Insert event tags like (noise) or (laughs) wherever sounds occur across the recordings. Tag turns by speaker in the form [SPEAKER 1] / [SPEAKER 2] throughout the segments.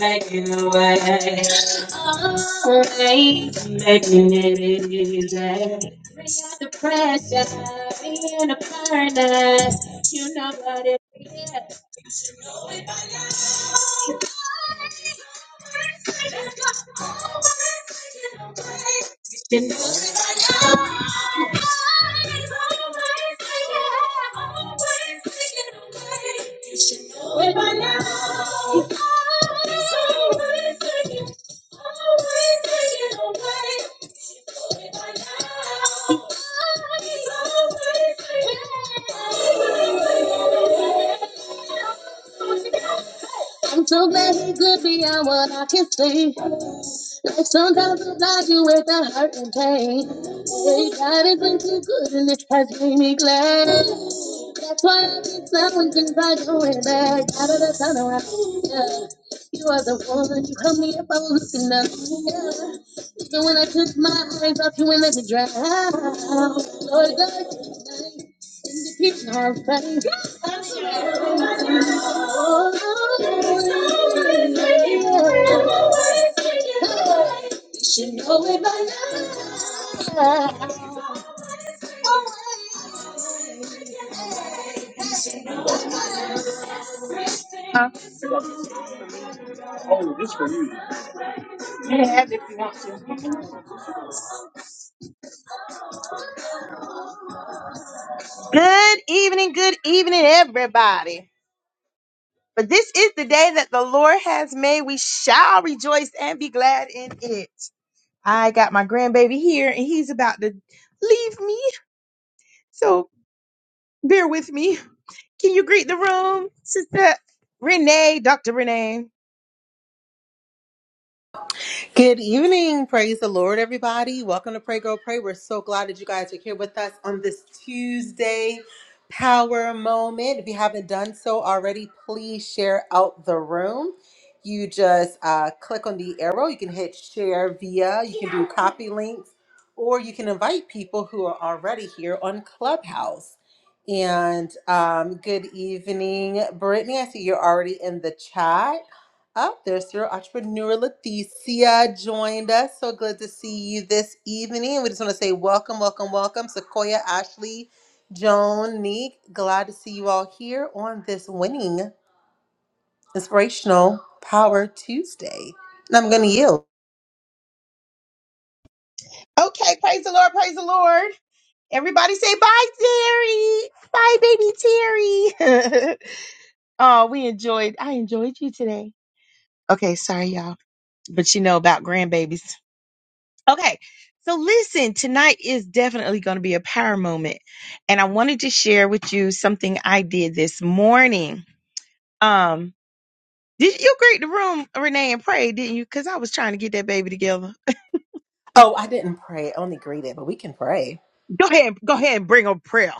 [SPEAKER 1] Making a way, making it easy. We got the pressure, we in the furnace. You know what it is. You know. Always taking, always taking away. I'm so glad he could be on what I can see. Like sometimes I'm you with the hurt and pain. Hey, God has been too good and it has made me glad. That's why I think someone can try going back out of the tunnel. I see ya. You are the one you helped me up. I was looking up. Yeah. Even when I took my eyes off you and let me drown. Lord, God, tonight, in the kitchen, I'll find you. Oh, Lord, yeah. Good evening, good evening, everybody. But this is the day that the Lord has made. We shall rejoice and be glad in it. I got my grandbaby here and he's about to leave me. So bear with me. Can you greet the room, Sister Renee, Dr. Renee?
[SPEAKER 2] Good evening. Praise the Lord, everybody. Welcome to Pray Girl Pray. We're so glad that you guys are here with us on this Tuesday power moment. If you haven't done so already, please share out the room. You just uh, click on the arrow. You can hit share via, you can do copy links, or you can invite people who are already here on Clubhouse. And um, good evening, Brittany. I see you're already in the chat. Oh, There's your entrepreneur Leticia joined us. So good to see you this evening. We just want to say welcome, welcome, welcome. Sequoia, Ashley, Joan, Neek. Glad to see you all here on this winning inspirational power Tuesday. And I'm gonna yield.
[SPEAKER 1] Okay, praise the Lord, praise the Lord. Everybody say bye, Terry. Bye, baby Terry. (laughs) oh, we enjoyed. I enjoyed you today. Okay, sorry, y'all. But you know about grandbabies. (laughs) Okay. So listen, tonight is definitely going to be a power moment. And I wanted to share with you something I did this morning. Um, did you greet the room, Renee, and pray, didn't you? Because I was trying to get that baby together.
[SPEAKER 2] Oh, I didn't pray. I only greeted, but we can pray.
[SPEAKER 1] Go ahead, go ahead and bring a prayer.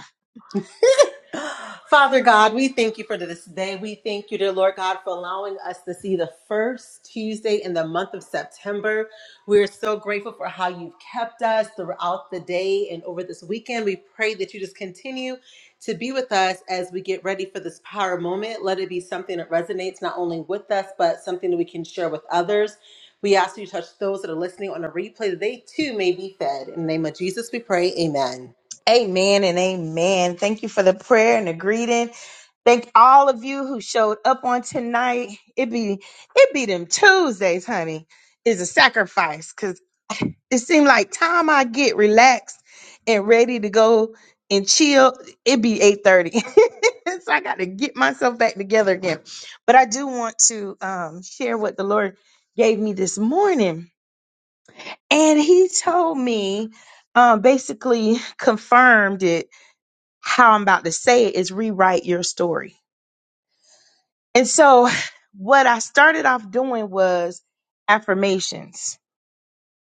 [SPEAKER 2] (laughs) Father God, we thank you for this day. We thank you, dear Lord God, for allowing us to see the first Tuesday in the month of September. We're so grateful for how you've kept us throughout the day and over this weekend. We pray that you just continue to be with us as we get ready for this power moment. Let it be something that resonates not only with us, but something that we can share with others. We ask you to touch those that are listening on a replay that they too may be fed. In the name of Jesus, we pray. Amen.
[SPEAKER 1] Amen and amen. Thank you for the prayer and the greeting. Thank all of you who showed up on tonight. It be it be them Tuesdays, honey, is a sacrifice because it seemed like time I get relaxed and ready to go and chill, it be 8:30. (laughs) so I gotta get myself back together again. But I do want to um, share what the Lord gave me this morning. And he told me, um, basically confirmed it how I'm about to say it is rewrite your story. And so, what I started off doing was affirmations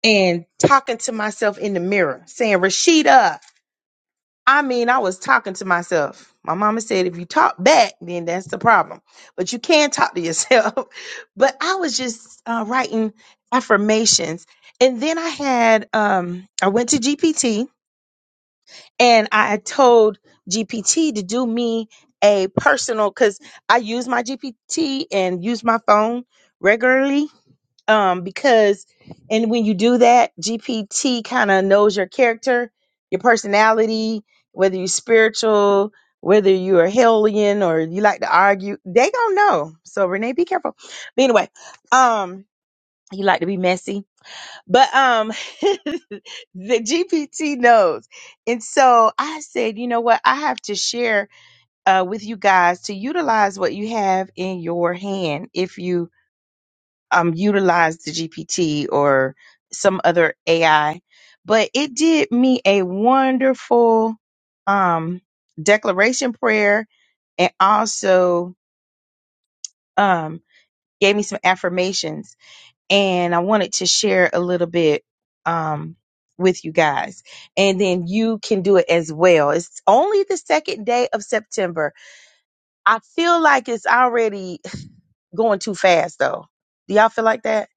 [SPEAKER 1] and talking to myself in the mirror, saying, Rashida, I mean, I was talking to myself. My mama said, if you talk back, then that's the problem. But you can talk to yourself. (laughs) but I was just uh, writing affirmations. And then I had, um, I went to GPT and I had told GPT to do me a personal because I use my GPT and use my phone regularly. Um, because and when you do that, GPT kind of knows your character, your personality, whether you're spiritual, whether you're a hellion or you like to argue, they gonna know. So Renee, be careful. But anyway, um, you like to be messy, but um. (laughs) the GPT knows. And so I said, you know what? I have to share uh, with you guys to utilize what you have in your hand if you um, utilize the GPT or some other AI. But it did me a wonderful um, declaration prayer and also um, gave me some affirmations and I wanted to share a little bit um, with you guys. And then you can do it as well. It's only the second day of September. I feel like it's already (sighs) going too fast, though. Do y'all feel like that?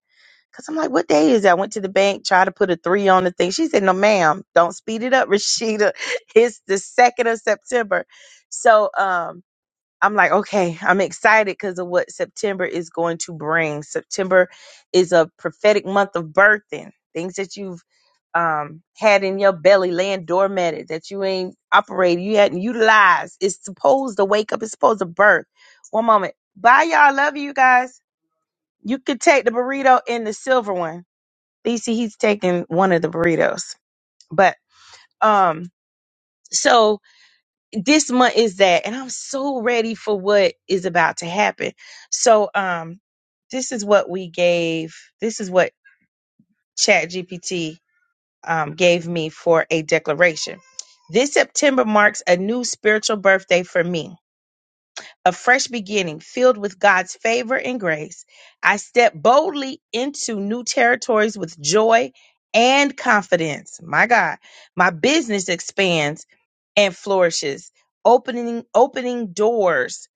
[SPEAKER 1] Cause I'm like, what day is that? I went to the bank, tried to put a three on the thing. She said, "No, ma'am, don't speed it up, Rashida. (laughs) It's the second of September." So, um, I'm like, okay, I'm excited because of what September is going to bring. September is a prophetic month of birthing, things that you've um, had in your belly laying dormant, that you ain't operated, you hadn't utilized. It's supposed to wake up, it's supposed to birth. One moment. Bye, y'all. Love you guys. You could take the burrito and the silver one. You see, he's taking one of the burritos. But um, so this month is that and i'm so ready for what is about to happen so um this is what we gave this is what chat gpt um, gave me for a declaration this september marks a new spiritual birthday for me a fresh beginning filled with god's favor and grace i step boldly into new territories with joy and confidence my god my business expands and flourishes, opening opening doors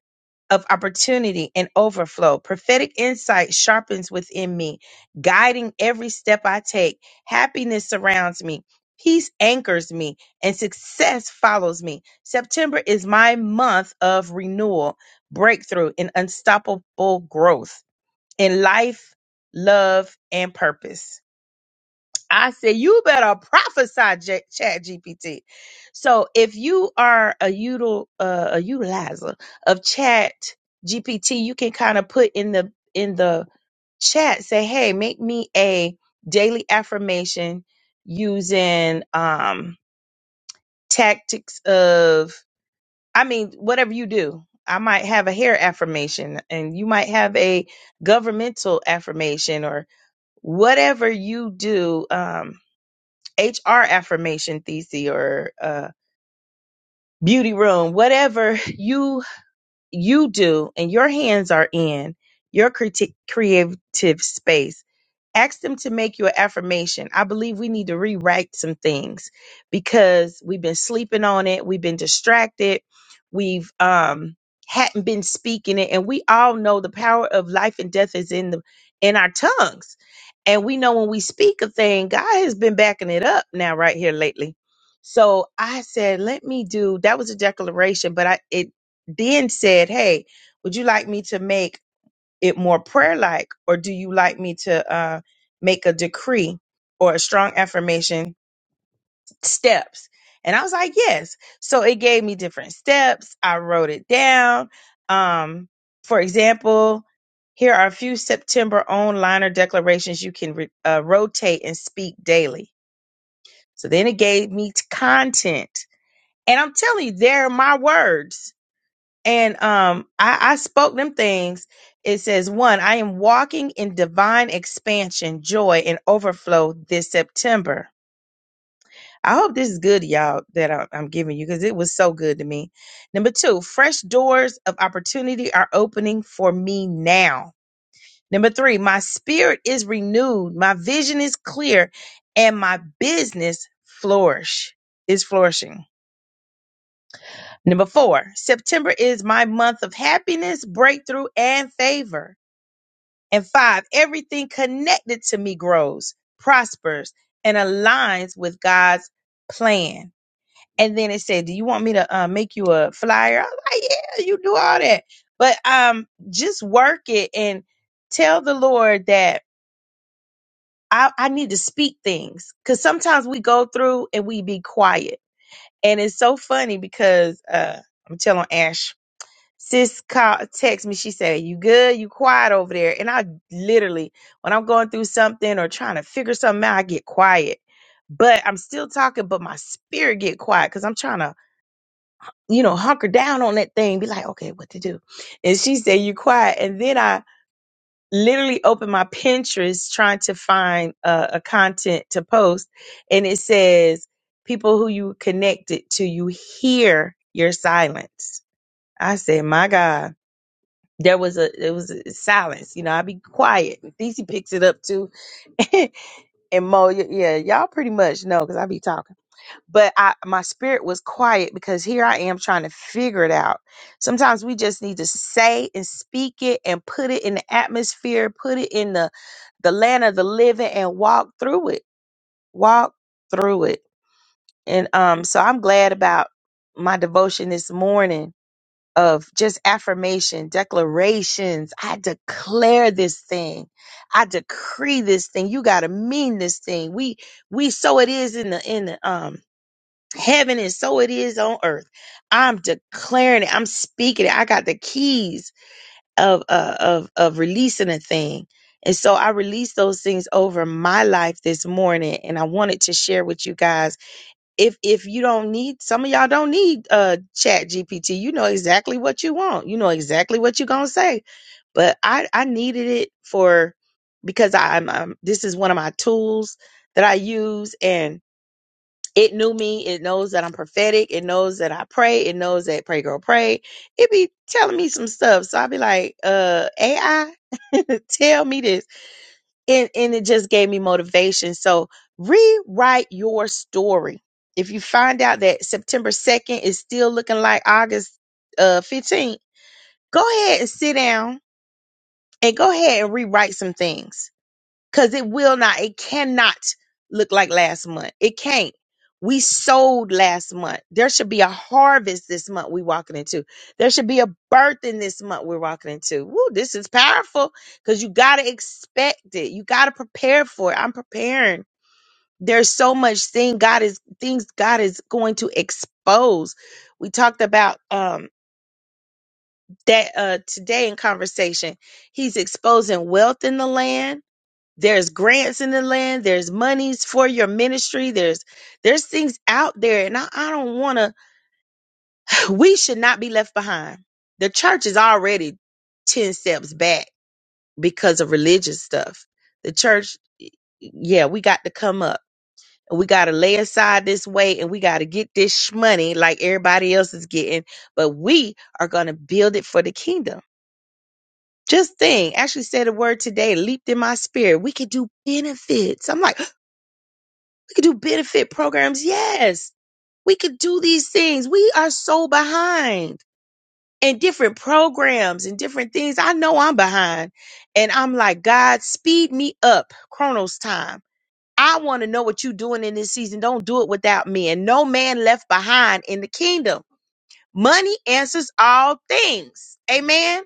[SPEAKER 1] of opportunity and overflow. Prophetic insight sharpens within me, guiding every step I take. Happiness surrounds me. Peace anchors me and success follows me. September is my month of renewal, breakthrough, and unstoppable growth in life, love, and purpose. I said, you better prophesy, J- Chat GPT. So if you are a, util, uh, a utilizer of Chat GPT, you can kind of put in the in the chat, say, hey, make me a daily affirmation using um, tactics of, I mean, whatever you do. I might have a hair affirmation, and you might have a governmental affirmation, or whatever you do. Um, HR affirmation thesis or uh, beauty room, whatever you you do and your hands are in your creative creative space ask them to make you an affirmation. I believe we need to rewrite some things because we've been sleeping on it, we've been distracted, we've um hadn't been speaking it, and we all know the power of life and death is in the in our tongues. And we know when we speak a thing, God has been backing it up now right here lately. So I said, let me do that was a declaration, but I it then said, Hey, would you like me to make it more prayer like, or do you like me to uh, make a decree or a strong affirmation steps? And I was like, yes. So it gave me different steps. I wrote it down. Um, for example, here are a few September liner declarations you can re- uh, rotate and speak daily. So then it gave me t- content. And I'm telling you, they're my words and um, I, I spoke them things. It says, one, I am walking in divine expansion, joy, and overflow this September. I hope this is good, y'all, that I- I'm giving you because it was so good to me. Number two, fresh doors of opportunity are opening for me now. Number three, my spirit is renewed, my vision is clear, and my business flourish is flourishing. Number four, September is my month of happiness, breakthrough, and favor. And five, everything connected to me grows, prospers, and aligns with God's plan. And then it said, "Do you want me to uh, make you a flyer?" I was like, "Yeah, you do all that, but um, just work it and tell the Lord that I, I need to speak things because sometimes we go through and we be quiet, and it's so funny because uh, I'm telling Ash Sis called, text me. She said, "You good? You quiet over there?" And I literally, when I'm going through something or trying to figure something out, I get quiet. But I'm still talking, but my spirit get quiet because I'm trying to, you know, hunker down on that thing, be like, "Okay, what to do?" And she said, "You quiet." And then I literally opened my Pinterest trying to find uh, a content to post, and it says, "People who you connected to, you hear your silence." I said, "My God." there was a it was a silence. You know, I'd be quiet. And Thece picks it up too, (laughs) and Mo, y- yeah, y'all pretty much know because I be talking. But I my spirit was quiet because here I am trying to figure it out. Sometimes we just need to say and speak it and put it in the atmosphere, put it in the the land of the living, and walk through it. Walk through it. And um, so I'm glad about my devotion this morning of just affirmation, declarations. I declare this thing. I decree this thing. You gotta mean this thing. We we so it is in the in the um heaven and so it is on earth. I'm declaring it. I'm speaking it. I got the keys of uh, of of releasing a thing. And so I released those things over my life this morning and I wanted to share with you guys if if you don't need some of y'all don't need uh chat gpt you know exactly what you want you know exactly what you're gonna say but i i needed it for because I- i'm, i this is one of my tools that i use and it knew me it knows that i'm prophetic it knows that i pray it knows that pray girl pray it be telling me some stuff so i'll be like uh ai (laughs) tell me this and and it just gave me motivation. So rewrite your story. If you find out that September 2nd is still looking like August uh 15th, go ahead and sit down and go ahead and rewrite some things because it will not, it cannot look like last month. It can't. We sold last month. There should be a harvest this month we're walking into. There should be a birth in this month we're walking into. Woo, this is powerful because you got to expect it. You got to prepare for it. I'm preparing. There's so much thing God is things God is going to expose. We talked about um that uh today in conversation. He's exposing wealth in the land there's grants in the land there's monies for your ministry there's there's things out there and i, I don't want to we should not be left behind the church is already 10 steps back because of religious stuff the church yeah we got to come up we got to lay aside this weight and we got to get this money like everybody else is getting but we are going to build it for the kingdom just think, actually said a word today, leaped in my spirit. We could do benefits. I'm like, We could do benefit programs. Yes, we could do these things. We are so behind in different programs and different things. I know I'm behind. And I'm like, God, speed me up, Chronos time. I want to know what you're doing in this season. Don't do it without me. And no man left behind in the kingdom. Money answers all things. Amen.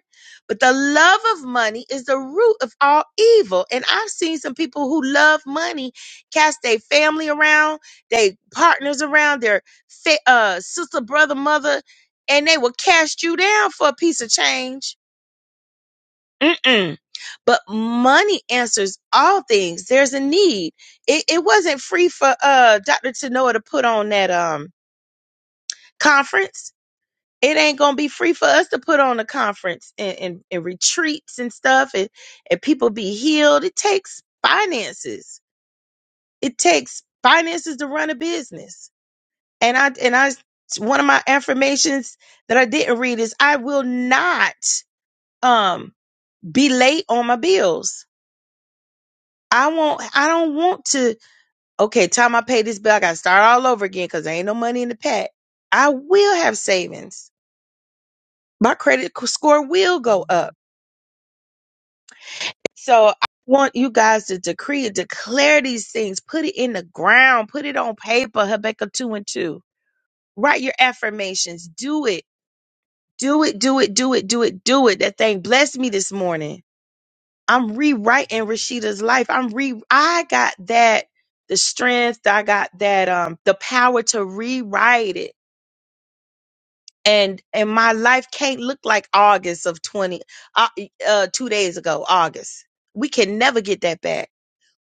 [SPEAKER 1] But the love of money is the root of all evil. And I've seen some people who love money cast their family around, their partners around, their fa- uh, sister, brother, mother, and they will cast you down for a piece of change. Mm-mm. But money answers all things. There's a need. It, it wasn't free for uh, Dr. Tanoa to put on that um, conference it ain't gonna be free for us to put on a conference and, and, and retreats and stuff and, and people be healed. It takes finances. It takes finances to run a business. And I and I one of my affirmations that I didn't read is I will not um be late on my bills. I won't I don't want to okay, time I pay this bill, I gotta start all over again because there ain't no money in the pack. I will have savings. My credit score will go up So I want you guys to decree and declare these things. Put it in the ground. Put it on paper. Habakkuk 2 and 2. Write your affirmations. Do it. Do it. Do it. Do it. Do it. Do it. That thing blessed me this morning. I'm rewriting Rashida's life. I'm re I got that the strength. I got that um the power to rewrite it. And and my life can't look like August of 20 uh, uh 2 days ago, August. We can never get that back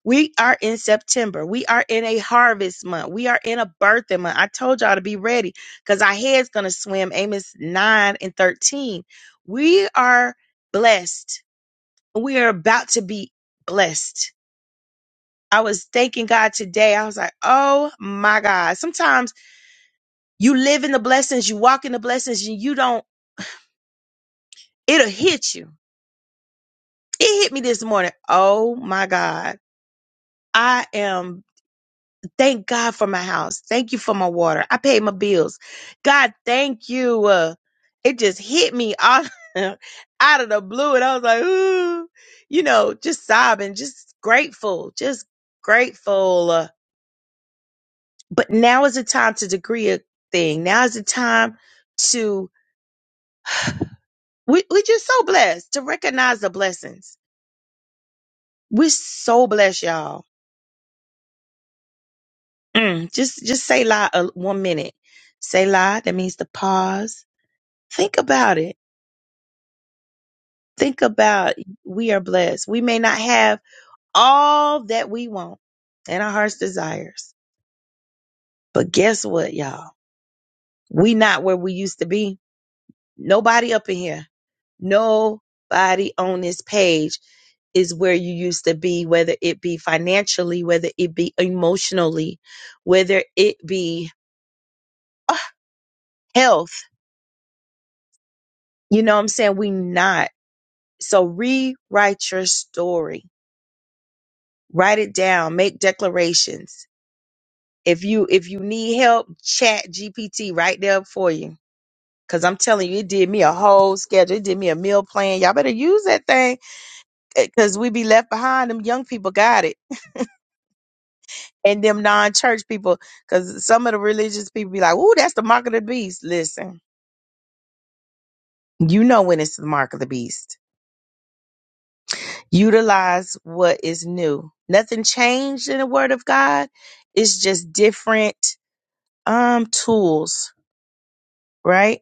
[SPEAKER 1] We are in September. We are in a harvest month. We are in a birthing month. I told y'all to be ready because our head's going to swim. Amos 9 and 13. We are blessed. We are about to be blessed. I was thanking God today. I was like, oh my God. Sometimes you live in the blessings, you walk in the blessings, and you don't, it'll hit you. It hit me this morning. Oh my God. I am Thank God for my house. Thank you for my water. I paid my bills. God, thank you. Uh, it just hit me out, (laughs) out of the blue. And I was like, ooh, you know, just sobbing, just grateful, just grateful. Uh, but now is the time to degree a thing. Now is the time to, (sighs) we, we're just so blessed to recognize the blessings. We're so blessed, y'all. Mm, just, just say la uh, one minute. Say la. That means to pause. Think about it Think about we are blessed. We may not have all that we want and our heart's desires. But guess what, y'all? We not where we used to be. Nobody up in here. Nobody on this page is where you used to be, whether it be financially, whether it be emotionally, whether it be uh, health. You know what I'm saying? We not. So rewrite your story. Write it down. Make declarations If you if you need help, chat GPT right there for you. Cause I'm telling you, it did me a whole schedule. It did me a meal plan. Y'all better use that thing. eh, Cause we be left behind. Them young people got it. And them non-church people. Cause some of the religious people be like, ooh, that's the mark of the beast. Listen, you know when it's the mark of the beast. Utilize what is new. Nothing changed in the word of God. It's just different um tools, right?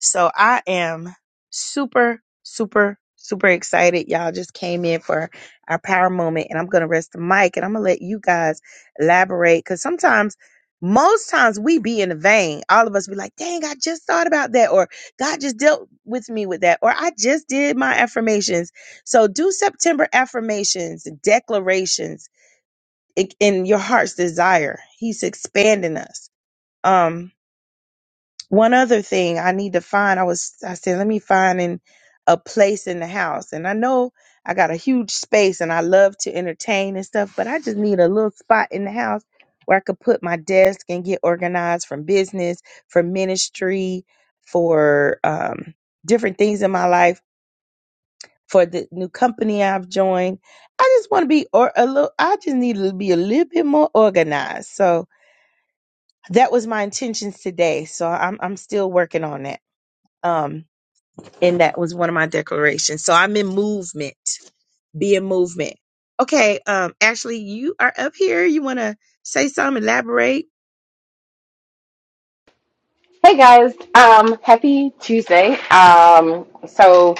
[SPEAKER 1] So I am super, super, super excited. Y'all just came in for our power moment, and I'm going to rest the mic and I'm going to let you guys elaborate because sometimes. Most times we be in the vein. All of us be like, dang, I just thought about that, or God just dealt with me with that, or I just did my affirmations. So do September affirmations, declarations in in your heart's desire. He's expanding us. Um. One other thing I need to find, I was, I said, let me find in a place in the house. And I know I got a huge space and I love to entertain and stuff, but I just need a little spot in the house where I could put my desk and get organized from business, for ministry, for um, different things in my life, for the new company I've joined. I just want to be or a little, I just need to be a little bit more organized. So that was my intentions today. So I'm, I'm still working on that. Um, and that was one of my declarations. So I'm in movement. Be in movement. Okay, um, Ashley, you are up here. You want to say something, elaborate?
[SPEAKER 3] Hey guys, um, happy Tuesday. Um, so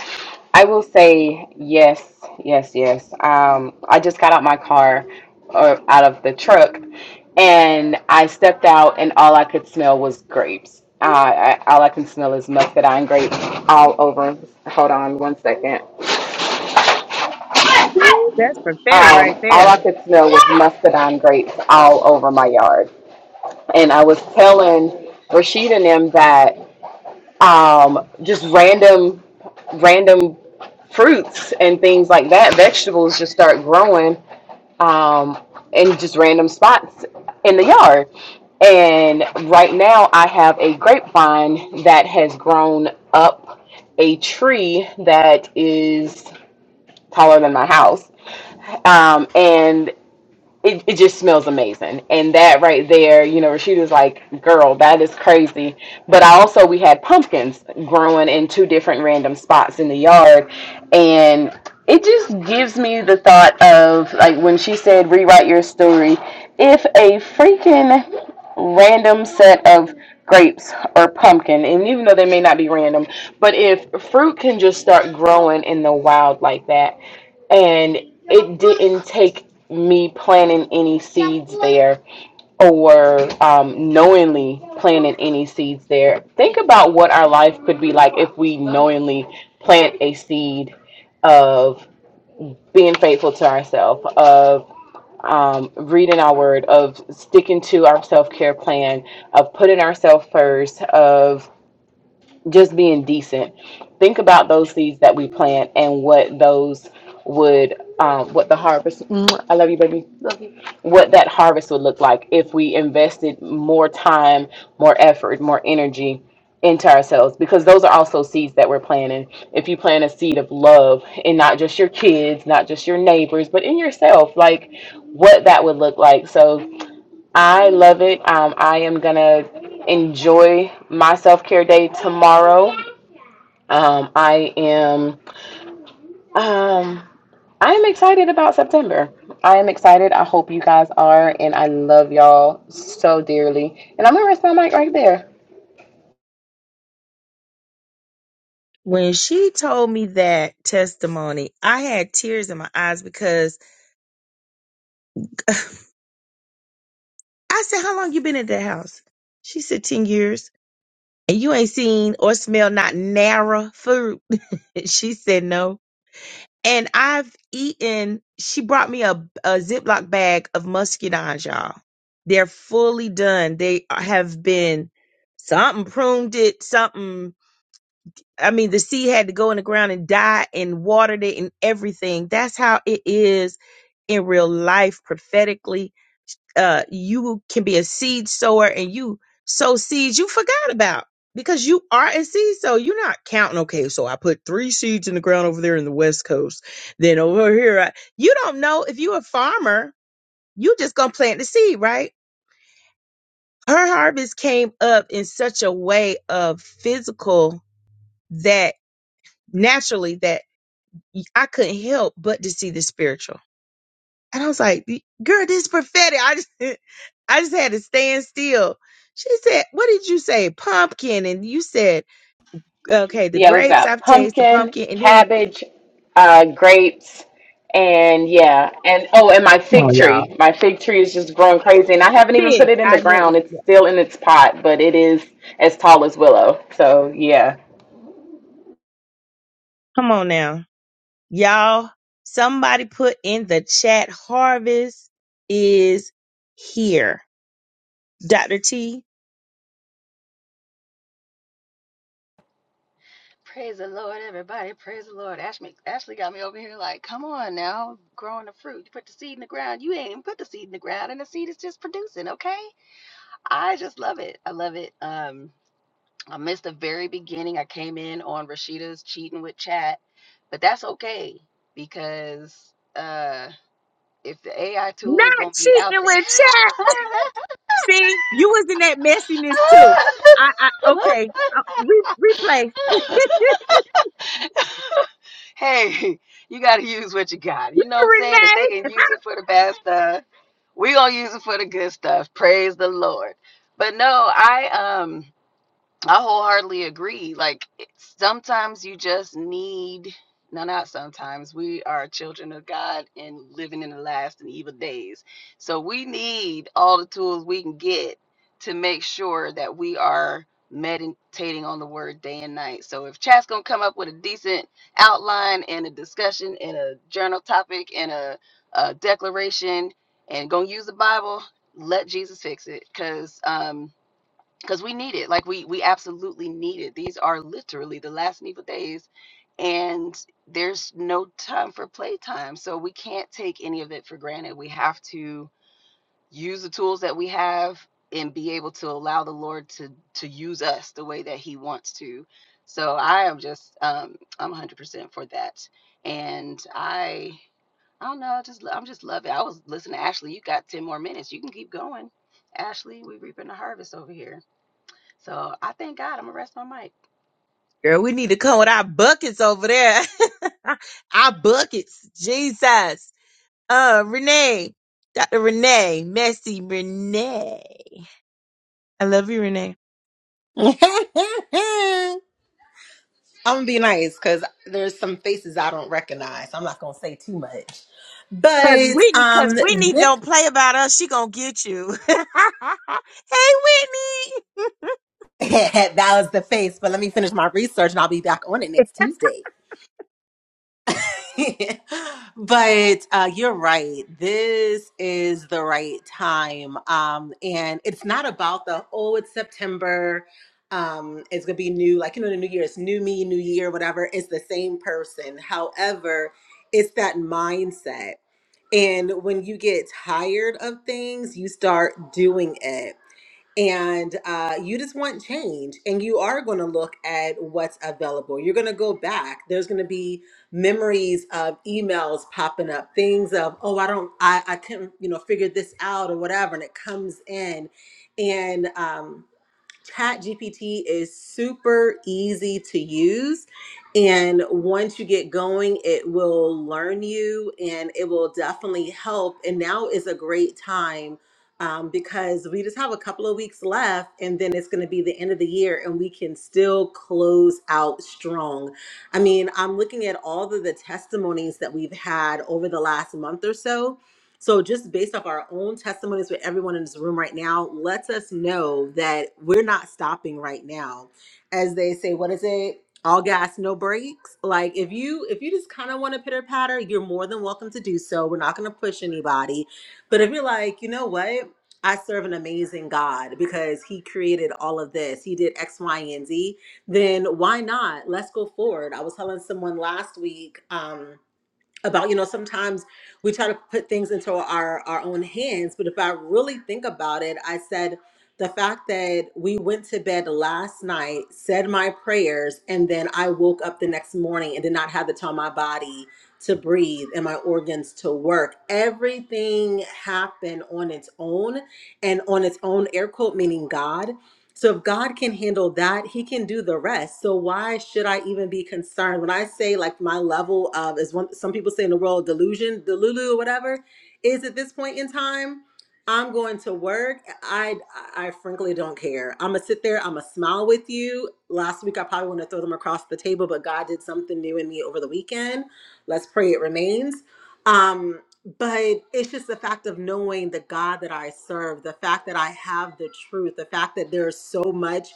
[SPEAKER 3] I will say yes, yes, yes. Um, I just got out my car or out of the truck and I stepped out and all I could smell was grapes. Uh, I, all I can smell is muscadine grape all over. Hold on one second.
[SPEAKER 1] Ooh, that's prophetic
[SPEAKER 3] Um,
[SPEAKER 1] right
[SPEAKER 3] all
[SPEAKER 1] there.
[SPEAKER 3] I could smell was muscadine grapes all over my yard. And I was telling Rashida and them that um, just random random fruits and things like that vegetables just start growing um, in just random spots in the yard and right now i have a grapevine that has grown up a tree that is taller than my house um, and it, it just smells amazing. And that right there, you know, Rashida's like, girl, that is crazy. But I also, we had pumpkins growing in two different random spots in the yard. And it just gives me the thought of, like, when she said, rewrite your story, if a freaking random set of grapes or pumpkin, and even though they may not be random, but if fruit can just start growing in the wild like that, and it didn't take me planting any seeds there or um, knowingly planting any seeds there. Think about what our life could be like if we knowingly plant a seed of being faithful to ourselves, of um, reading our word, of sticking to our self care plan, of putting ourselves first, of just being decent. Think about those seeds that we plant and what those would, um, what the harvest. Mwah, I love you, baby. What that harvest would look like if we invested more time, more effort, more energy into ourselves, because those are also seeds that we're planting. If you plant a seed of love in not just your kids, not just your neighbors, but in yourself, like what that would look like. So I love it. Um, I am gonna enjoy my self care day tomorrow. Um, I am um I am excited about September. I am excited. I hope you guys are, and I love y'all so dearly. And I'm gonna rest my mic right there.
[SPEAKER 1] When she told me that testimony, I had tears in my eyes because (laughs) I said, "How long you been in that house?" She said, 10 years." And you ain't seen or smelled not narrow food. (laughs) she said, "No." and I've eaten. She brought me a, a Ziploc bag of muscadines, y'all. They're fully done. They have been something pruned it, something. I mean, the seed had to go in the ground and die and watered it and everything. That's how it is in real life prophetically uh you can be a seed sower and you sow seeds you forgot about because you are a seed sower. You're not counting, okay, so I put three seeds in the ground over there in the West Coast. Then over here, I, you don't know if you're a farmer, you just gonna plant the seed, right? Her harvest came up in such a way of physical that naturally that I couldn't help but to see the spiritual And I was like, "Y- girl, this is prophetic. I just, (laughs) I just had to stand still. She said, what did you say? Pumpkin. And you said, okay, the
[SPEAKER 3] Yeah, we've
[SPEAKER 1] grapes
[SPEAKER 3] got
[SPEAKER 1] I've tasted, the
[SPEAKER 3] pumpkin,
[SPEAKER 1] pumpkin, and then
[SPEAKER 3] cabbage, uh, grapes, and yeah, and oh, and my
[SPEAKER 1] Oh
[SPEAKER 3] fig
[SPEAKER 1] yeah.
[SPEAKER 3] tree. My fig tree is just growing crazy, and I haven't even put
[SPEAKER 1] pig.
[SPEAKER 3] it in the
[SPEAKER 1] I knew it
[SPEAKER 3] ground.
[SPEAKER 1] was,
[SPEAKER 3] It's
[SPEAKER 1] yeah.
[SPEAKER 3] still in its pot, but it is as tall as willow. So yeah.
[SPEAKER 1] come on now. Y'all, somebody put in the chat, harvest is here. Dr. T,
[SPEAKER 4] Praise the Lord, everybody. Praise the Lord. Ashley, Ashley got me over here like, come on now, growing the fruit. You put the seed in the ground. You ain't even put the seed in the ground, and the seed is just producing, okay? I just love it. I love it. Um, I missed the very beginning. I came in on Rashida's cheating with chat, but that's okay because uh if the AI
[SPEAKER 1] not
[SPEAKER 4] tool is gonna be out
[SPEAKER 1] cheating
[SPEAKER 4] there.
[SPEAKER 1] with chat. See, you was in that messiness too. I, I, okay. Uh, re- replay. (laughs)
[SPEAKER 4] (laughs) hey, (laughs) you got to use what you got. You know what I'm saying? If
[SPEAKER 1] Renee.
[SPEAKER 4] they can use it for the bad stuff, we gonna use it for the good stuff. Praise the Lord. But no, I um. I wholeheartedly agree. Like it- sometimes you just need no, not sometimes. We are children of God and living in the last and evil days. So we need all the tools we can get to make sure that we are meditating on the word day and night. So if chat's gonna come up with a decent outline and a discussion and a journal topic and a, a declaration and gonna use the Bible, let Jesus fix it. Cause um because we need it like we we absolutely need it these are literally the last evil days and there's no time for playtime so we can't take any of it for granted we have to use the tools that we have and be able to allow the lord to to use us the way that he wants to so i am just um i'm 100% for that and i i don't know I just i'm just loving it. i was listening to ashley you got 10 more minutes you can keep going ashley we are reaping the harvest over here so I thank God. I'm gonna rest my mic.
[SPEAKER 1] Girl, we need to come with our buckets over there. (laughs) our buckets. Jesus. Uh, Renee. Dr. Renee. Messy Renee. I love you, Renee.
[SPEAKER 2] (laughs) I'm gonna be nice because there's some faces I don't recognize. I'm not gonna say too much,
[SPEAKER 1] Cause
[SPEAKER 2] but
[SPEAKER 1] Whitney, cause
[SPEAKER 2] um,
[SPEAKER 1] Whitney
[SPEAKER 2] this,
[SPEAKER 1] don't play about us. She gonna get you. (laughs) hey, Whitney.
[SPEAKER 2] (laughs) that was the face. But let me finish my research, and I'll be back on it next Tuesday. (laughs) but uh, you're right. This is the right time, um, and it's not about the oh, it's September. Um, it's gonna be new, like you know, the new year. It's new me, new year, whatever. It's the same person. However, it's that mindset And when you get tired of things, you start doing it. And uh, you just want change. And you are going to look at what's available. You're going to go back. There's going to be memories of emails popping up, things of, oh, I don't, I, I couldn't, you know, figure this out or whatever. And it comes in. And, um, ChatGPT is super easy to use. And once you get going, it will learn you and it will definitely help. And now is a great time um, because we just have a couple of weeks left and then it's going to be the end of the year and we can still close out strong. I mean, I'm looking at all of the testimonies that we've had over the last month or so so, just based off our own testimonies with everyone in this room right now, lets us know that we're not stopping right now. As they say, what is it? All gas, no brakes. Like if you if you just kind of want to pitter patter, you're more than welcome to do so. We're not going to push anybody. But if you're like, you know what? I serve an amazing God because He created all of this. He did X, Y, and Z. Then why not? Let's go forward. I was telling someone last week. Um, about you know sometimes we try to put things into our our own hands but if i really think about it i said the fact that we went to bed last night said my prayers and then i woke up the next morning and did not have to tell my body to breathe and my organs to work everything happened on its own and on its own air quote meaning god so if God can handle that, he can do the rest. So why should I even be concerned? When I say like my level of is one some people say in the world delusion, delulu or whatever, is at this point in time, I'm going to work. I I frankly don't care. I'm gonna sit there, I'm gonna smile with you. Last week I probably want to throw them across the table, but God did something new in me over the weekend. Let's pray it remains. Um but it's just the fact of knowing the God that I serve, the fact that I have the truth, the fact that there's so much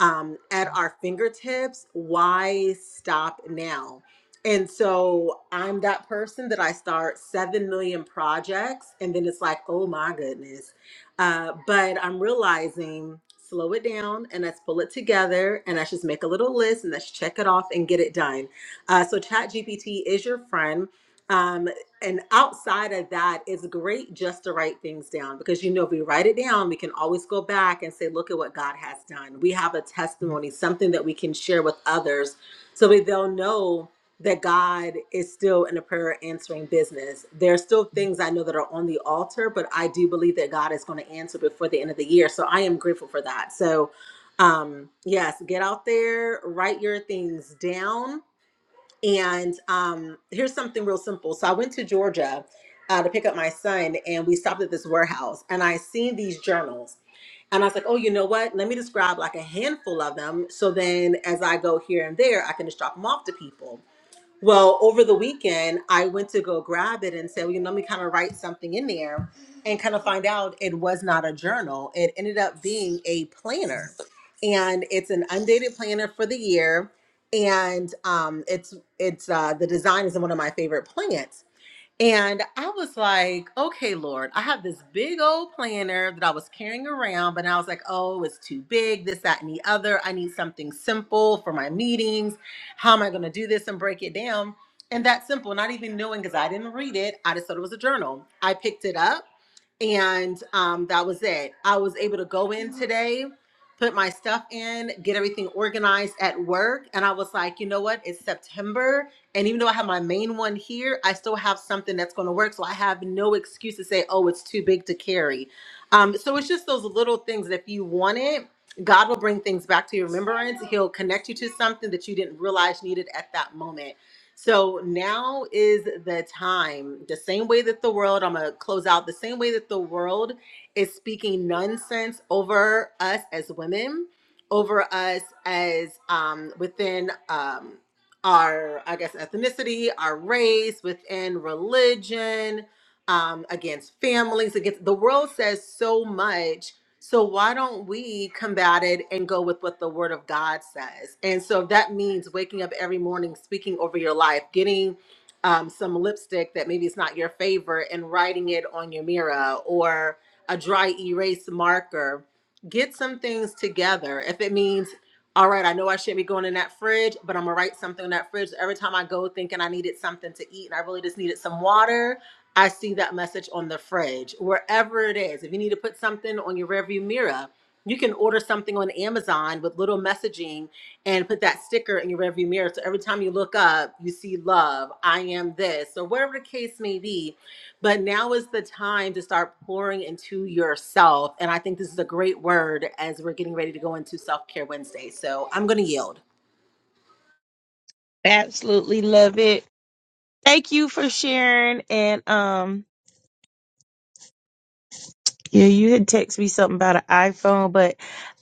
[SPEAKER 2] um, at our fingertips. Why stop now? And so I'm that person that I start 7 million projects and then it's like, oh my goodness. Uh, but I'm realizing slow it down and let's pull it together and let's just make a little list and let's check it off and get it done. Uh, so ChatGPT is your friend. Um, and outside of that, it's great just to write things down because you know, if we write it down, we can always go back and say, Look at what God has done. We have a testimony, something that we can share with others so that they'll know that God is still in a prayer answering business. There are still things I know that are on the altar, but I do believe that God is going to answer before the end of the year. So I am grateful for that. So, um, yes, get out there, write your things down and um, here's something real simple. So I went to Georgia uh, to pick up my son, and we stopped at this warehouse, and I seen these journals, and I was like, oh, you know what? Let me describe like a handful of them, so then as I go here and there, I can just drop them off to people. Well, over the weekend, I went to go grab it and said, well, you know, let me kind of write something in there and kind of find out it was not a journal. It ended up being a planner. And it's an undated planner for the year. And um, it's it's uh, the design is one of my favorite plants. And I was like, okay, Lord, I have this big old planner that I was carrying around, but I was like, oh, it's too big, this, that, and the other. I need something simple for my meetings. How am I going to do this and break it down? And that simple, not even knowing because I didn't read it. I just thought it was a journal. I picked it up and um, that was it. I was able to go in today, put my stuff in, get everything organized at work, and I was like, you know what? It's September, and even though I have my main one here, I still have something that's going to work, so I have no excuse to say, oh, it's too big to carry. Um, so it's just those little things that if you want it. God will bring things back to your remembrance. He'll connect you to something that you didn't realize needed at that moment. So now is the time, the same way that the world, I'm going to close out, the same way that the world is speaking nonsense over us as women, over us as um, within um, our, I guess, ethnicity, our race, within religion, um, against families, against the world says so much so why don't we combat it and go with what the word of God says? And so if that means waking up every morning, speaking over your life, getting um, some lipstick that maybe it's not your favorite and writing it on your mirror or a dry erase marker. Get some things together. If it means, all right, I know I shouldn't be going in that fridge, but I'm gonna write something in that fridge every time I go thinking I needed something to eat and I really just needed some water I see that message on the fridge, wherever it is. If you need to put something on your rearview mirror, you can order something on Amazon with little messaging and put that sticker in your rearview mirror. So every time you look up, you see love, I am this, or whatever the case may be. But now is the time to start pouring into yourself. And I think this is a great word as we're getting ready to go into Self Care Wednesday. So I'm going to yield.
[SPEAKER 1] Absolutely love it. Thank you for sharing. And, um, yeah, you had texted me something about an iPhone, but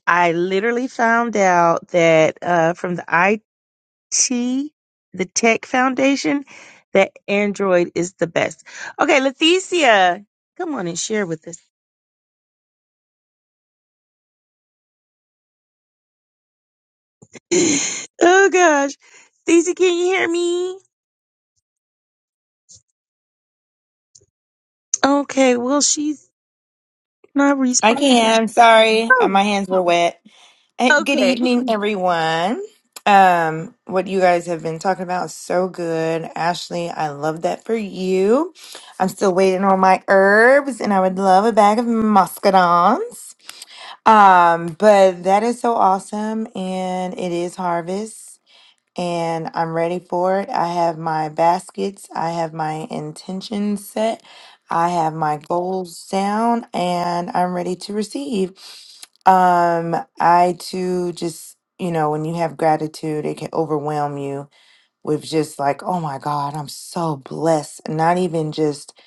[SPEAKER 1] I literally found out that, uh, from the T, the Tech Foundation, that Android is the best. Okay, Leticia, come on and share with us. (sighs) (laughs) oh gosh, Leticia, can you hear me? Okay, well she's not
[SPEAKER 5] I
[SPEAKER 1] responding.
[SPEAKER 5] can. Sorry, Uh, my
[SPEAKER 1] Oh,
[SPEAKER 5] hands were wet. Uh, Good
[SPEAKER 1] okay.
[SPEAKER 5] evening, everyone. Um, what you guys have been talking about is so good, Ashley. I love that for you. I'm still waiting on my herbs, and I would love a bag of muscadines. Um, but that is so awesome, and it is harvest and I'm ready for it. I have my baskets, I have my intentions set, I have my goals down, and I'm ready to receive. Um, I too just, you know, when you have gratitude, it can overwhelm you with just like, oh my God, I'm so blessed. And Not even just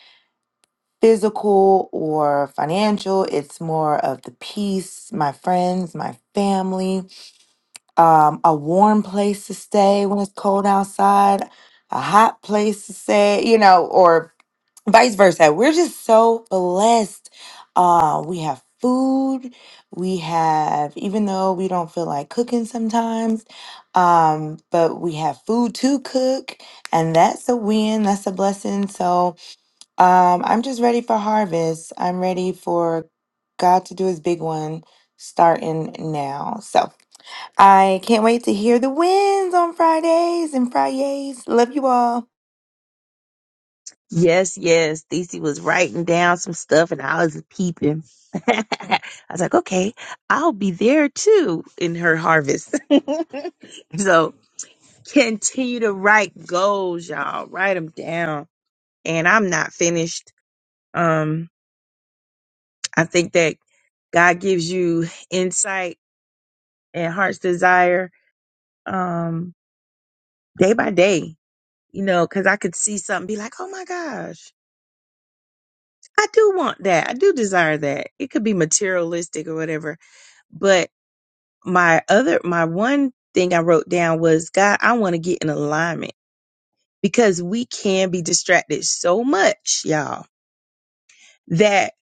[SPEAKER 5] physical or financial, it's more of the peace, my friends, my family um, a warm place to stay when it's cold outside, a hot place to stay, you know, or vice versa. We're just so blessed. Uh, we have food. We have, even though we don't feel like cooking sometimes, um, but we have food to cook, and that's a win. That's a blessing. So um, I'm just ready for harvest. I'm ready for God to do his big one starting now. So. I can't wait to hear the wins on Fridays and Fridays. Love you all.
[SPEAKER 1] Yes, yes. Leticia was writing down some stuff, and I was peeping. (laughs) I was like, okay, I'll be there too in her harvest. (laughs) so continue to write goals, y'all. Write them down and I'm not finished. Um, I think that God gives you insight and heart's desire um, day by day, you know, because I could see something be like, oh my gosh, I do want that. I do desire that. It could be materialistic or whatever. But my other, my one thing I wrote down was, God, I want to get in alignment because we can be distracted so much, y'all, that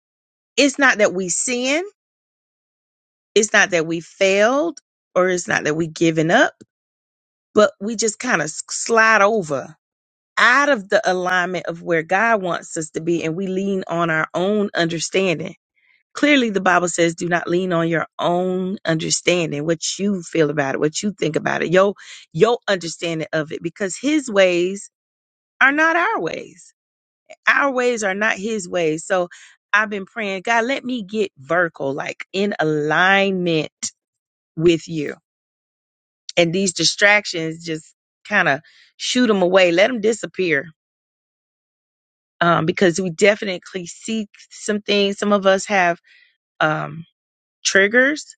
[SPEAKER 1] it's not that we sin it's not that we failed or it's not that we given up, but we just kind of slide over out of the alignment of where God wants us to be and we lean on our own understanding. Clearly the Bible says do not lean on your own understanding, what you feel about it, what you think about it, your your understanding of it because his ways are not our ways. Our ways are not his ways. So I've been praying, God, let me get vertical, like in alignment with you and these distractions just kind of shoot them away let them disappear um, because we definitely see some things some of us have um, triggers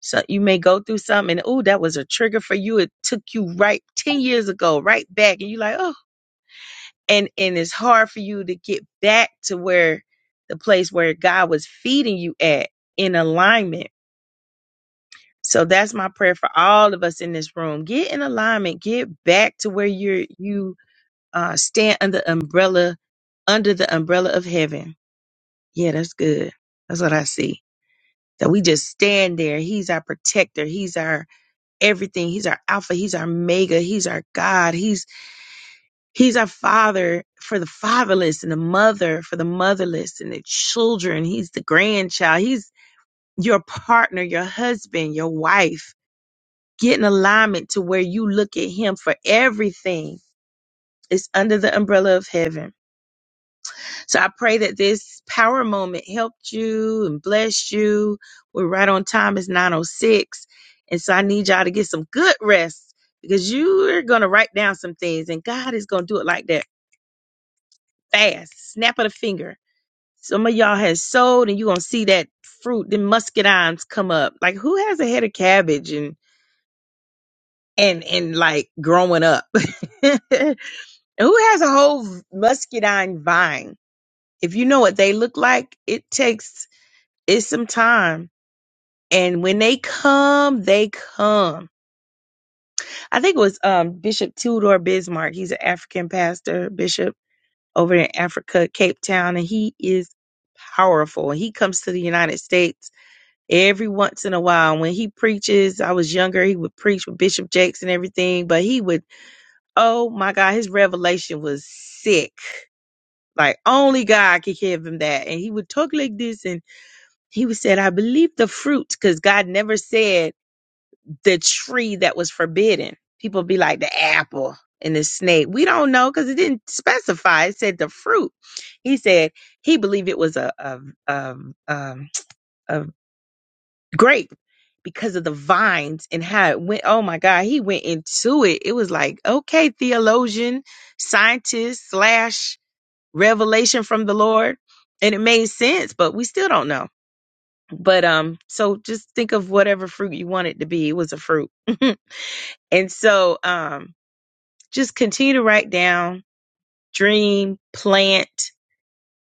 [SPEAKER 1] so you may go through something and oh that was a trigger for you it took you right 10 years ago right back and you're like oh and and it's hard for you to get back to where the place where god was feeding you at in alignment so that's my prayer for all of us in this room. Get in alignment. Get back to where you're you uh, stand under umbrella under the umbrella of heaven. Yeah, that's good. That's what I see. That we just stand there. He's our protector. He's our everything. He's our alpha. He's our mega. He's our God. He's he's our father for the fatherless and the mother for the motherless and the children. He's the grandchild. He's your partner, your husband, your wife. Get in alignment to where you look at him for everything. It's under the umbrella of heaven So I pray that this power moment helped you and blessed you. We're right on time. It's 906. And so I need y'all to get some good rest because you are going to write down some things and God is going to do it like that fast, snap of the finger. Some of y'all has sowed and you're going to see that fruit, the muscadines come up. Like who has a head of cabbage and, and, and like growing up? (laughs) Who has a whole muscadine vine? If you know what they look like, it takes It's some time. And when they come, they come. I think it was um, Bishop Tudor Bismarck. He's an African pastor, bishop over in Africa, Cape Town, and he is powerful. He comes to the United States every once in a while. When he preaches, I was younger, he would preach with Bishop Jakes and everything, but he would, oh my God, his revelation was sick. Like only God could give him that. And he would talk like this and he would said, I believe the fruit, because God never said the tree that was forbidden. People be like the apple and the snake. We don't know because it didn't specify. It said the fruit. He said he believed it was a a, a, um a grape because of the vines and how it went. Oh my God, he went into it. It was like okay, theologian, scientist slash revelation from the Lord, and it made sense, but we still don't know. But um, so just think of whatever fruit you want it to be. It was a fruit. (laughs) And so um, just continue to write down, dream, plant,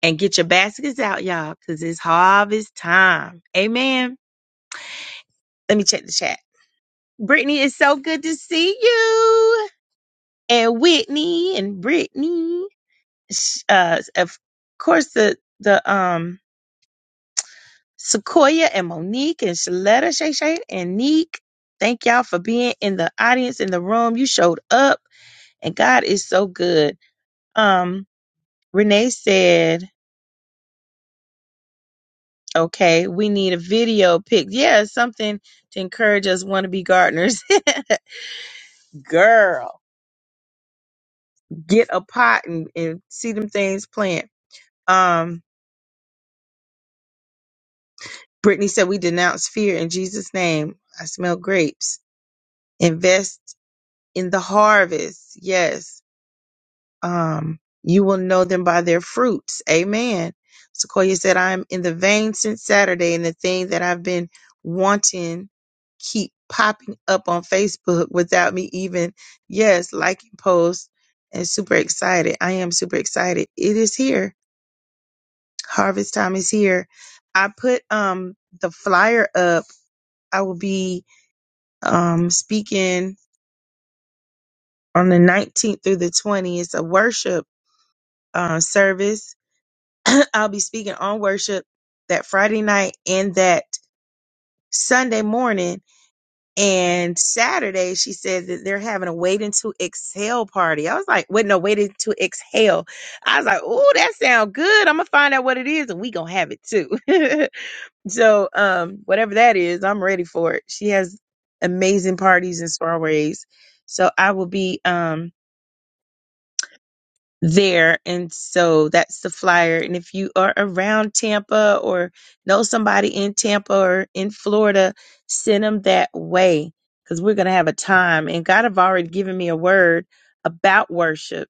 [SPEAKER 1] and get your baskets out, y'all, because it's harvest time. Amen. Let me check the chat. Brittany, it's so good to see you. And Whitney and Brittany. Sh- Uh, of course, the the um Sequoia and Monique and Shaletta Shay Shay and Neek. Thank y'all for being in the audience in the room. You showed up and God is so good. Um Renee said, okay, we need a video pic. Yeah, something to encourage us want to be gardeners. (laughs) Girl, get a pot and, and see them things plant. Um, Brittany said, we denounce fear in Jesus' name. I smell grapes. Invest in the harvest. Yes. um, you will know them by their fruits. Amen. Sequoia said, I'm in the vein since Saturday, and the thing that I've been wanting keep popping up on Facebook without me even, yes, liking posts and super excited. I am super excited. It is here. Harvest time is here. I put um the flyer up. I will be um speaking on the 19th through the 20th. It's a worship uh, service I'll be speaking on worship that Friday night and that Sunday morning. And Saturday, she said that they're having a waiting to exhale party. I was like, wait, no, waiting to exhale. I was like, oh, that sounds good. I'm gonna find out what it is and we gonna have it too. (laughs) so um, whatever that is, I'm ready for it. She has amazing parties and soirees. So I will be um there. And so that's the flyer. And if you are around Tampa or know somebody in Tampa or in Florida, send them that way because we're going to have a time. And God have already given me a word about worship.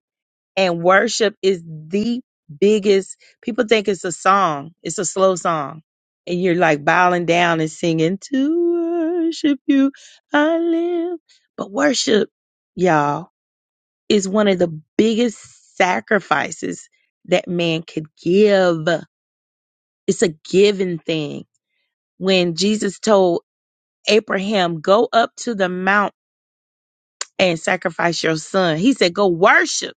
[SPEAKER 1] And worship is the biggest, people think it's a song, it's a slow song. And you're like bowing down and singing, To worship you, I live. But worship, y'all is one of the biggest sacrifices that man could give. It's a given thing. When Jesus told Abraham, Go up to the mount and sacrifice your son, he said, Go worship.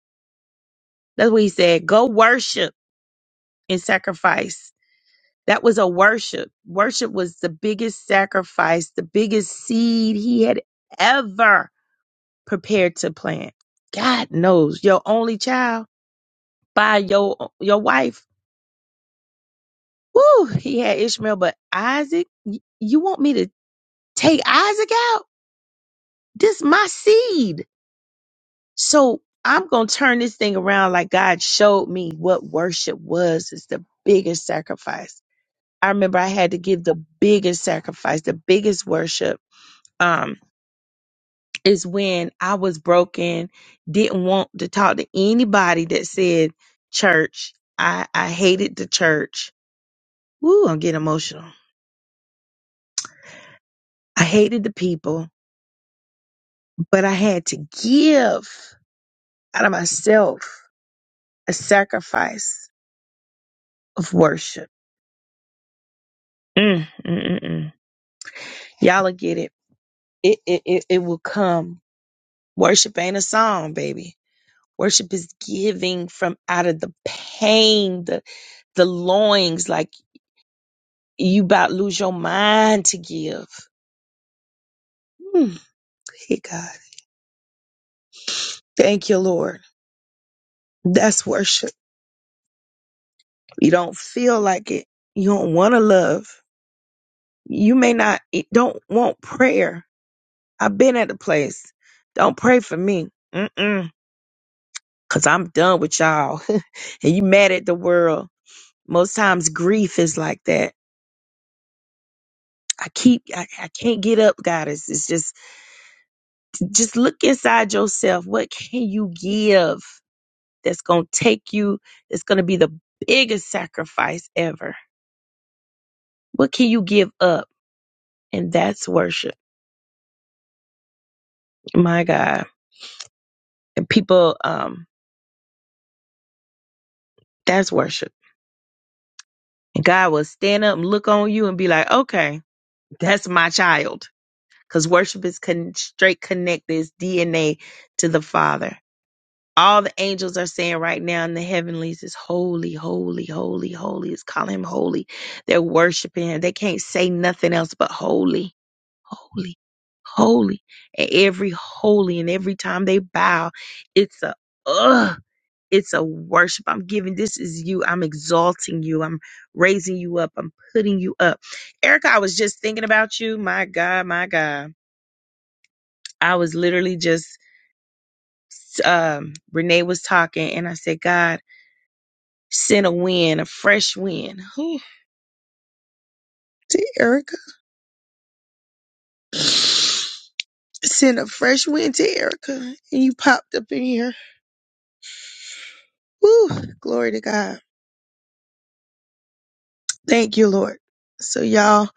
[SPEAKER 1] That's what he said. Go worship and sacrifice. That was a worship. Worship was the biggest sacrifice, the biggest seed he had ever prepared to plant. God knows your only child by your your wife Woo, he had Ishmael, but Isaac, y- you want me to take Isaac out? This my seed. So I'm going to turn this thing around like God showed me what worship was. It's the biggest sacrifice. I remember I had to give the biggest sacrifice, the biggest worship. Um, is when I was broken, didn't want to talk to anybody that said church. I, I hated the church. Woo, I'm getting emotional. I hated the people. but I had to give out of myself a sacrifice of worship. Mm, mm, mm, mm. Y'all will get it. It, it, it. it will come. Worship ain't a song, baby. Worship is giving from out of the pain, the, the loins, like you about to lose your mind to give. Mm, hey, God. Thank you, Lord. That's worship. You don't feel like it. You don't want to love. You may not, it don't want prayer I've been at the place. Don't pray for me. Mm-mm. Cause I'm done with y'all. (laughs) and you mad at the world. Most times grief is like that. I keep, I, I can't get up, God. It's, it's just, just look inside yourself. What can you give that's going to take you? It's going to be the biggest sacrifice ever. What can you give up? And that's worship. My God. And people, um, that's worship. And God will stand up and look on you and be like, okay, that's my child because worship is con- straight connected, it's DNA to the Father. All the angels are saying right now in the heavenlies is holy, holy, holy, holy. It's calling him holy. They're worshiping him. They can't say nothing else but holy, holy, holy. And every holy and every time they bow, it's a ugh. It's a worship. I'm giving this is you. I'm exalting you. I'm raising you up. I'm putting you up. Erica, I was just thinking about you. My God, my God I was literally just, um, Renee was talking and I said, God, send a wind, a fresh wind Ooh, to Erica. Send a fresh wind to Erica. And you popped up in here. Woo, glory to God. Thank you, Lord. So y'all,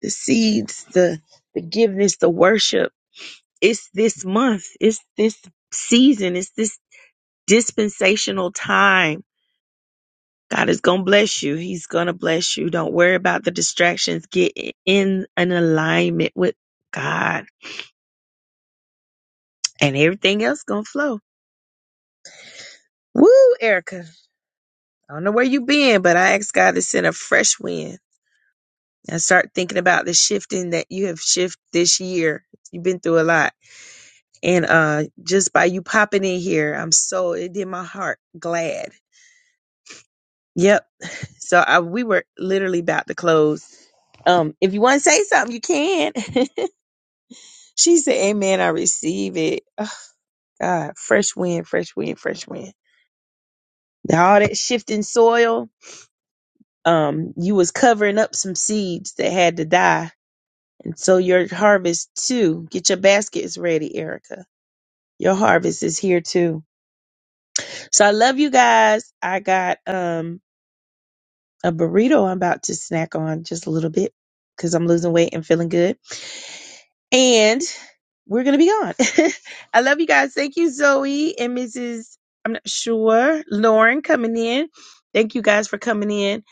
[SPEAKER 1] the seeds, the forgiveness, the worship, it's this month. It's this season. It's this dispensational time God is going to bless you. He's going to bless you. Don't worry about the distractions. Get in an alignment with God and everything else going to flow. Woo, Erica. I don't know where you been, but I asked God to send a fresh wind and start thinking about the shifting that you have shift this year. You've been through a lot. And uh just by you popping in here, I'm so it did my heart glad. Yep. So I, we were literally about to close. Um, if you want to say something, you can. (laughs) She said, Amen, I receive it. Ugh, God, fresh wind, fresh wind, fresh wind. Now, all that shifting soil, um, you was covering up some seeds that had to die. And so your harvest too. Get your baskets ready, Erica. Your harvest is here too. So I love you guys. I got um a burrito I'm about to snack on just a little bit because I'm losing weight and feeling good. And we're gonna be gone. (laughs) I love you guys. Thank you, Zoe and Mrs. I'm not sure Lauren coming in. Thank you guys for coming in.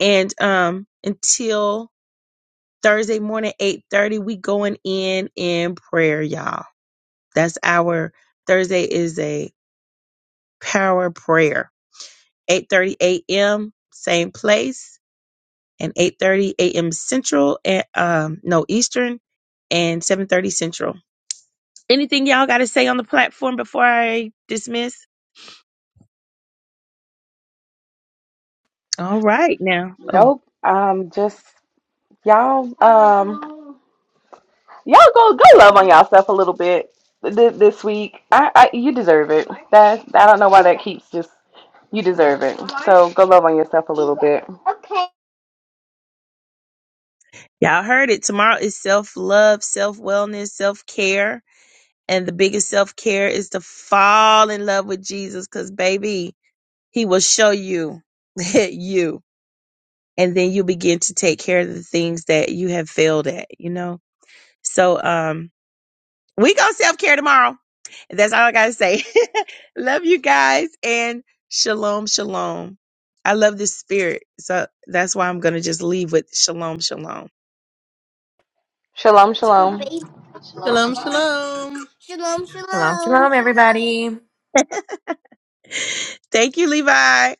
[SPEAKER 1] And um, until Thursday morning, eight thirty, we going in in prayer, y'all. That's our Thursday is a power prayer. Eight thirty a.m. Same place and 8:30 a.m. Central and um no Eastern and 7:30 Central. Anything y'all got to say on the platform before I dismiss? All right, now. Oh,
[SPEAKER 3] Nope. Um, just y'all. Um, Y'all go go love on yourself a little bit this, this week. I, I you deserve it. That I don't know why that keeps just you deserve it. So go love on yourself a little bit.
[SPEAKER 1] y'all heard it. Tomorrow is self-love, self-wellness, self-care, and the biggest self-care is to fall in love with Jesus cuz baby, he will show you (laughs) you and then you begin to take care of the things that you have failed at, you know? So um We go self care tomorrow. That's all I got to say. (laughs) love you guys and shalom, shalom. I love this spirit. So that's why I'm going to just leave with shalom, shalom.
[SPEAKER 3] Shalom,
[SPEAKER 2] For
[SPEAKER 3] shalom.
[SPEAKER 2] baby.
[SPEAKER 4] Shalom,
[SPEAKER 2] Shalom,
[SPEAKER 4] shalom.
[SPEAKER 2] shalom. Shalom,
[SPEAKER 5] Shalom,
[SPEAKER 2] shalom.
[SPEAKER 5] shalom, everybody.
[SPEAKER 1] Thank you, Levi.